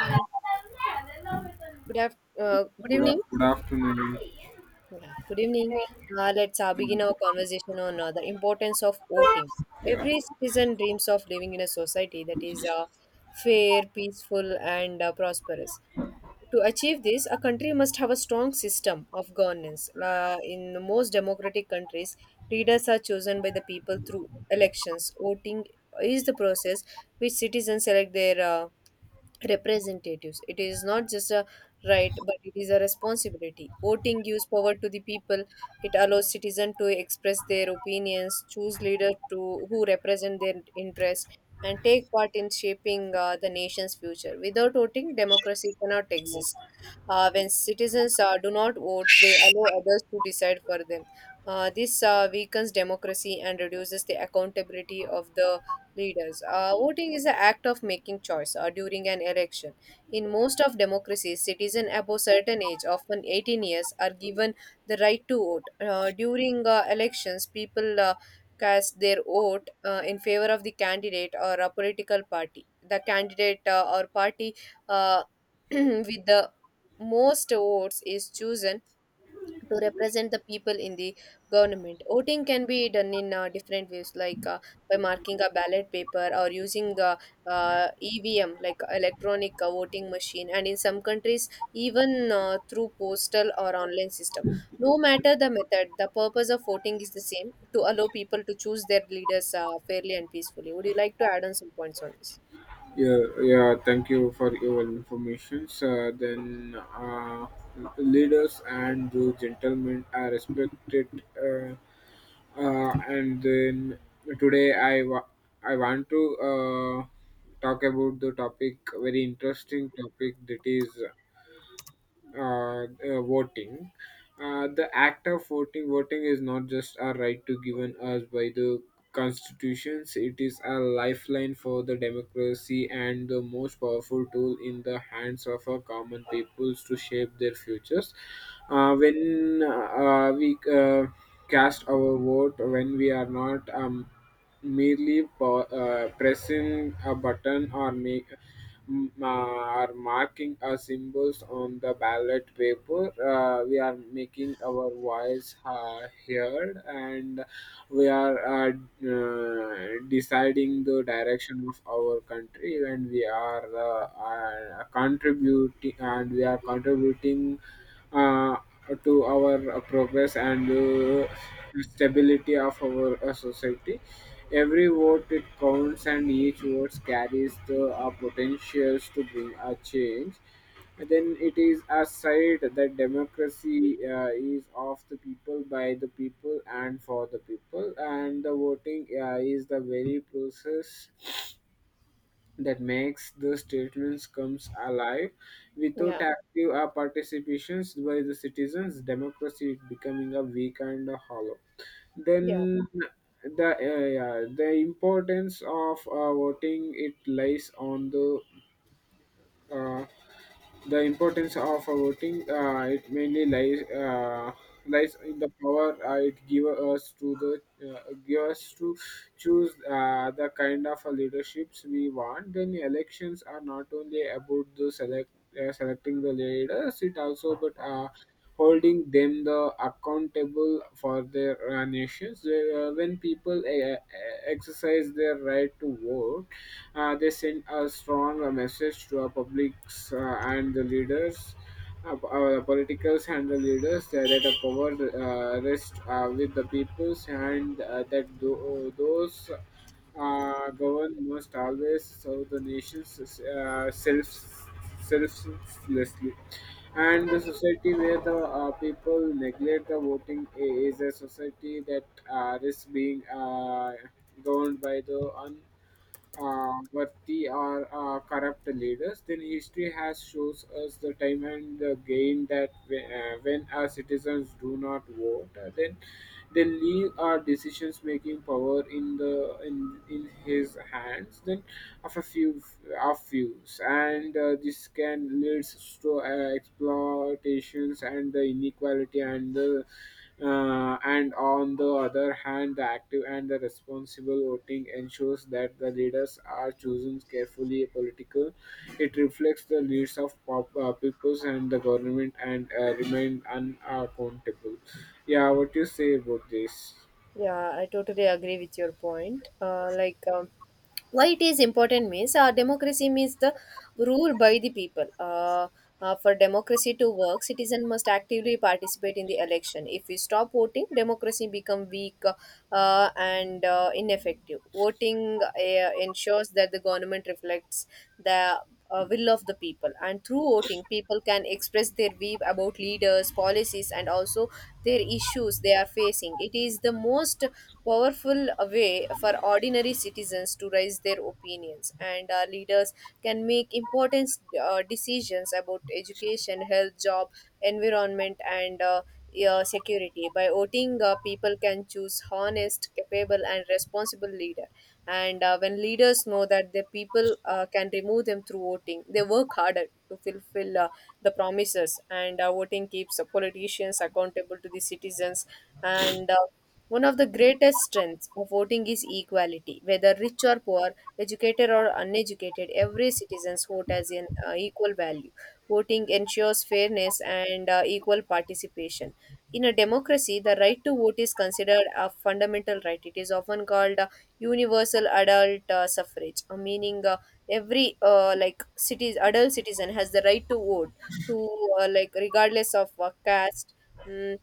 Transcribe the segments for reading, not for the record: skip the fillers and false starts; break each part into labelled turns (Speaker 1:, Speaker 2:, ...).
Speaker 1: Hi. Good
Speaker 2: Good,
Speaker 1: evening.
Speaker 2: good afternoon.
Speaker 1: Yeah, good evening.
Speaker 2: Great.
Speaker 1: Let's begin our conversation on the importance of voting.
Speaker 2: Yeah,
Speaker 1: Every citizen dreams of living in a society that is fair, peaceful, and prosperous. To achieve this, a country must have a strong system of governance. In most democratic countries, leaders are chosen by the people through elections. Voting is the process which citizens select their representatives. It is not just a right, but it is a responsibility. Voting gives power to the people. It allows citizens to express their opinions, choose leaders to who represent their interests, and take part in shaping the nation's future. Without voting, democracy cannot exist. When citizens do not vote, they allow others to decide for them. This weakens democracy and reduces the accountability of the leaders. Voting is the act of making choice during an election. In most of democracies, citizens above certain age, often 18 years, are given the right to vote. During elections, people cast their vote in favor of the candidate or a political party. The candidate or party uh, with the most votes is chosen to represent the people in the government. Voting can be done in different ways, like by marking a ballot paper or using EVM, like electronic voting machine, and in some countries even through postal or online system. No matter the method, the purpose of voting is the same: to allow people to choose their leaders fairly and peacefully. Would you like to add on some points on this?
Speaker 2: yeah, yeah. thank you for your information. Leaders and those gentlemen are respected. Uh, and then today, I want to uh, talk about the topic, very interesting topic that is voting. The act of voting is not just a right to given us by the constitutions, it is a lifeline for the democracy and the most powerful tool in the hands of our common peoples to shape their futures. Uh, when uh, uh, we uh, cast our vote when we are not merely pressing a button or make are marking our symbols on the ballot paper. We are making our voice heard, and we are deciding the direction of our country, and we are contributing uh, to our progress and stability of our society. Every vote it counts, and each vote carries the potentials to bring a change. And then it is a side that democracy is of the people, by the people, and for the people. And the voting is the very process that makes the statements comes alive.
Speaker 1: Yeah,
Speaker 2: Without active participations by the citizens, democracy is becoming a weak and a hollow.
Speaker 1: yeah.
Speaker 2: Then the yeah, the importance of voting it lies on the uh, the importance of voting, it mainly lies in the power it give us to choose the kind of leaderships we want. Then elections are not only about the select selecting the leaders, it also but holding them the accountable for their nations. When people exercise their right to vote, they sent a strong message to our publics and the leaders, our politicals and the leaders that the power rests with the peoples, and that those govern must always serve the nations self selflessly. And the society where the people neglect the voting is a society that risks being governed by the worthy or corrupt leaders. Then history has shows us the time and the gain that when our citizens do not vote, then they leave our decisions making power in the in his hands. Then of a few of fews, and this can lead to exploitations and the inequality and the. And on the other hand, the active and the responsible voting ensures that the leaders are chosen carefully political. It reflects the needs of peoples, and the government and remain unaccountable. Yeah, what do you say about this?
Speaker 1: Yeah, I totally agree with your point. Why it is important means democracy means the rule by the people. For democracy to work, citizen must actively participate in the election. If we stop voting, democracy become weak and ineffective. Voting ensures that the government reflects the will of the people. And through voting, people can express their view about leaders, policies, and also their issues they are facing. It is the most powerful way for ordinary citizens to raise their opinions, and our leaders can make important decisions about education, health, job, environment, and security. By voting, people can choose honest, capable, and responsible leader. And when leaders know that their people can remove them through voting, they work harder to fulfill the promises. And voting keeps the politicians accountable to the citizens. And one of the greatest strengths of voting is equality. Whether rich or poor, educated or uneducated, every citizen's vote has an equal value. Voting ensures fairness and equal participation. In a democracy, the right to vote is considered a fundamental right. It is often called universal adult suffrage, meaning every like cities adult citizen has the right to vote to like regardless of caste mm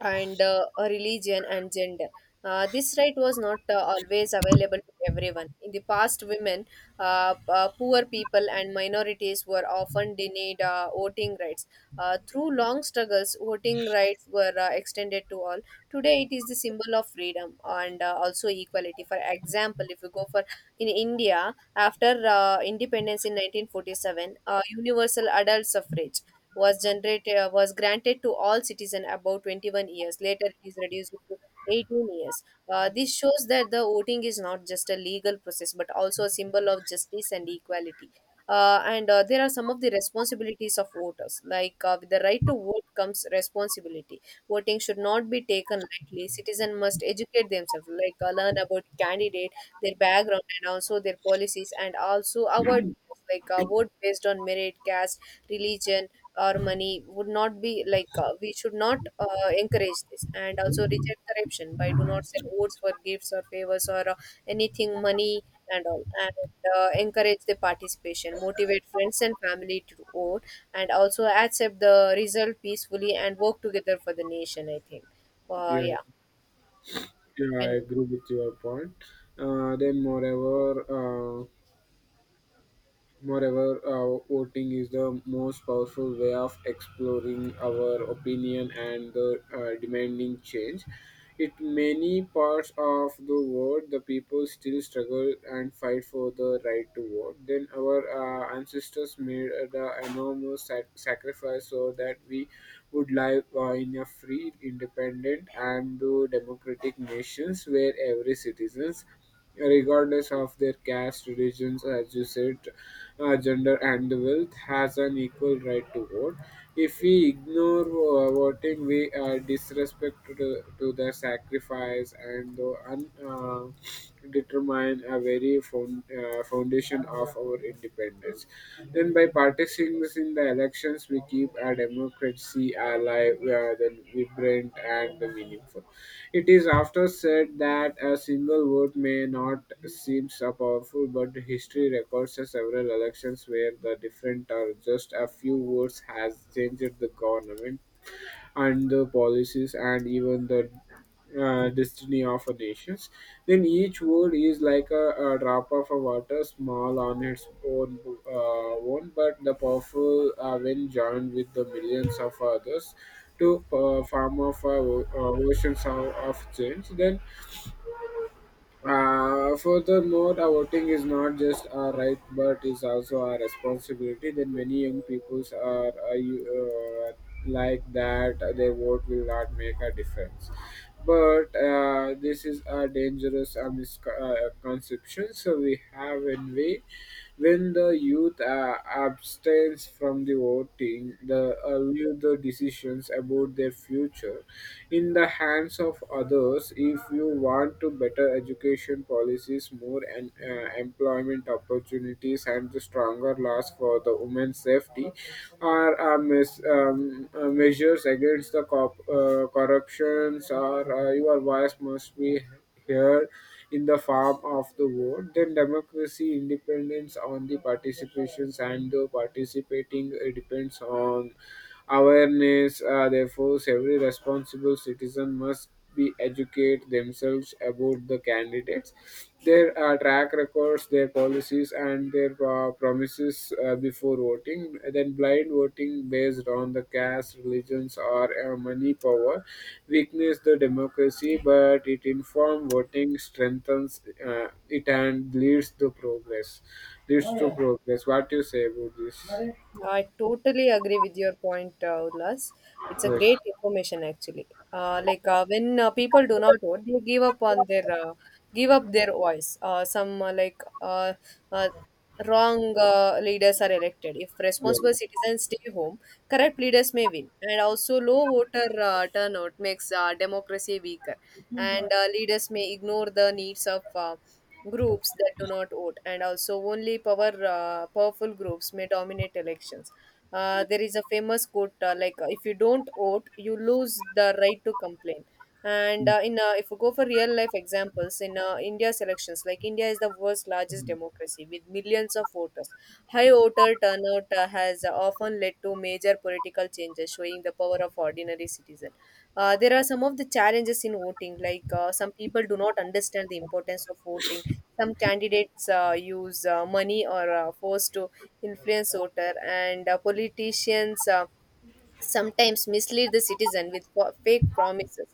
Speaker 1: and a religion and gender. This right was not always available to everyone. In the past, women, poor people, and minorities were often denied voting rights. Through long struggles, voting rights were extended to all. Today, it is the symbol of freedom and also equality. For example, if you go for in India, after independence in 1947, universal adult suffrage was granted to all citizens above 21 years. Later, it is reduced to 18 years. This shows that the voting is not just a legal process but also a symbol of justice and equality. And there are some of the responsibilities of voters. Like with the right to vote comes responsibility. Voting should not be taken lightly. Citizens must educate themselves, like learn about candidate, their background, and also their policies, and also avoid bias, like vote based on merit, caste, religion, our money would not be like we should not encourage this, and also reject corruption by do not sell votes for gifts or favors or anything money and all, and encourage the participation, motivate friends and family to vote, and also accept the result peacefully and work together for the nation. I think
Speaker 2: Yeah,
Speaker 1: yeah, you
Speaker 2: yeah, I
Speaker 1: can go.
Speaker 2: agree with your point. Uh, then, moreover, uh, Moreover, voting is the most powerful way of exploring our opinion and the, demanding change. In many parts of the world, the people still struggle and fight for the right to vote. Then our ancestors made the enormous sacrifice so that we would live in a free, independent, and democratic nations where every citizens, regardless of their caste, religions, as you said, gender, and wealth, has an equal right to vote. If we ignore voting, we are disrespect to, to the sacrifice and the determine a very foundation of our independence. Then, by participating in the elections, we keep our democracy alive, then vibrant and meaningful. It is after said that a single vote may not seem so powerful, but history records several elections where the different or just a few votes has changed the government and the policies and even the destiny of a nations. Then each word is like a drop of a water small on its own, but the powerful when joined with the millions of others to form of oceans of change. Then furthermore, our voting is not just our right but is also our responsibility. That many young peoples are like that, their vote will not make a difference. But this is a dangerous misconception, so we have one way. When the youth abstains from the voting, they leave the decisions about their future in the hands of others. If you want to better education policies, more and employment opportunities, and the stronger laws for the women's safety, are measures against the corruptions, or your voice must be here in the form of the vote. Then democracy independence on the participations and the participating depends on awareness. Therefore, every responsible citizen must be educate themselves about the candidates, their track records, their policies and their promises before voting. Then blind voting based on the caste, religions, or money power weakens the democracy, but it informed voting strengthens it and leads to progress. Leads to progress. What do you say about this?
Speaker 1: Yeah, I totally agree with your point, Ullas. It's a
Speaker 2: Yes.
Speaker 1: great information actually. Like when people do not vote, they give up their voice. Uh, some uh, like uh, uh, wrong uh, leaders are elected. If responsible
Speaker 2: Yeah.
Speaker 1: citizens stay home, correct leaders may win. And also, low voter turnout makes democracy weaker, and leaders may ignore the needs of. Groups that do not vote, and also only powerful groups may dominate elections. There is a famous quote, like, if you don't vote, you lose the right to complain. And in If we go for real life examples in India's elections, like India is the world's largest democracy with millions of voters. High voter turnout has often led to major political changes, showing the power of ordinary citizen. There are some of the challenges in voting, like some people do not understand the importance of voting. Some candidates use money or force to influence voter, and politicians sometimes mislead the citizen with fake promises.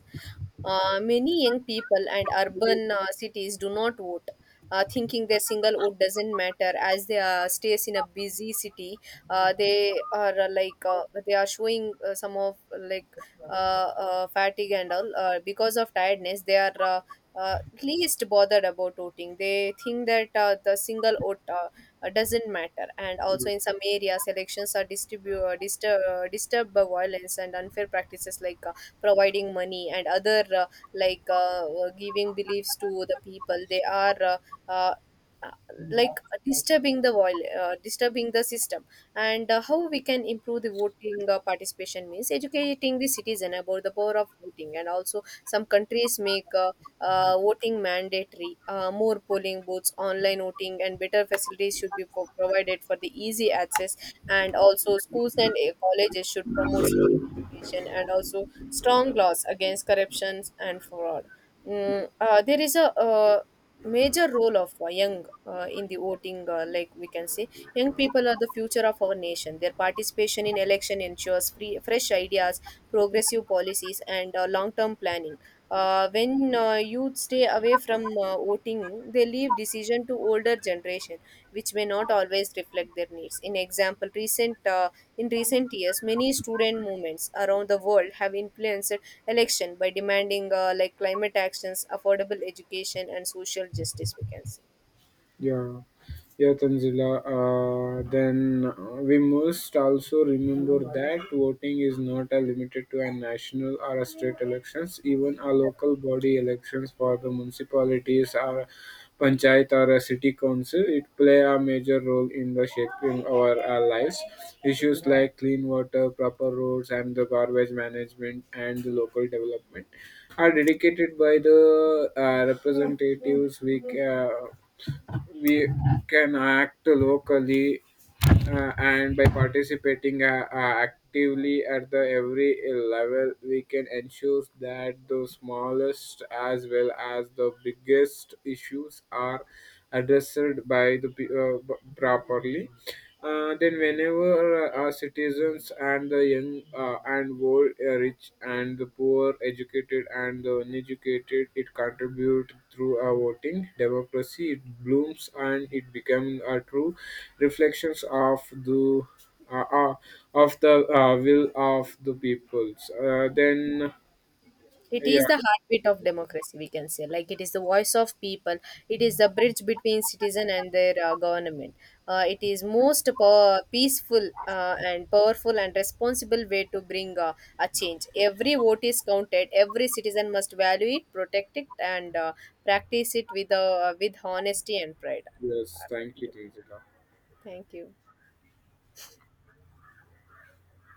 Speaker 1: Many young people and urban cities do not vote, thinking their single vote doesn't matter. As they stays in a busy city, they are showing some of fatigue and all because of tiredness. They are uh, least bothered about voting. They think that the single vote doesn't matter. And also in some areas, elections are disturbed by violence and unfair practices, like providing money and other giving beliefs to the people. They are uh, uh, disturbing the system. And how we can improve the voting participation means educating the citizen about the power of voting, and also some countries make voting mandatory. More polling booths, online voting, and better facilities should be provided for the easy access. And also, schools and colleges should promote civic education, and also strong laws against corruption and fraud. There is a major role of young in the voting, like we can say young people are the future of our nation. Their participation in election ensures free fresh ideas, progressive policies, and long term planning. When youth stay away from voting, they leave decision to older generation, which may not always reflect their needs. In recent years, many student movements around the world have influenced election by demanding like climate actions, affordable education, and social justice, we can say.
Speaker 2: Yeah, yeah, Tanzila. Then We must also remember that voting is not limited to a national or a state elections. Even a local body elections for the municipalities or panchayat or a city council, it play a major role in the shaping our lives. Issues like clean water, proper roads, and the garbage management and the local development are dedicated by the representatives. We can act locally and by participating actively at the every level, we can ensure that the smallest as well as the biggest issues are addressed by properly. Uh, then whenever our citizens and the young and old, rich and the poor, educated and the uneducated, it contributes through a voting democracy. It blooms and it becomes a true reflections of the uh, uh, the will of the peoples.
Speaker 1: It
Speaker 2: Yeah,
Speaker 1: is the heartbeat of democracy, we can say, like it is the voice of people, it is the bridge between citizen and their government. It is most power, peaceful and powerful and responsible way to bring a change. Every vote is counted. Every citizen must value it, protect it, and practice it with honesty and pride
Speaker 2: yes, thank
Speaker 1: according to-
Speaker 2: you, Tinzika.
Speaker 1: me. Thank you.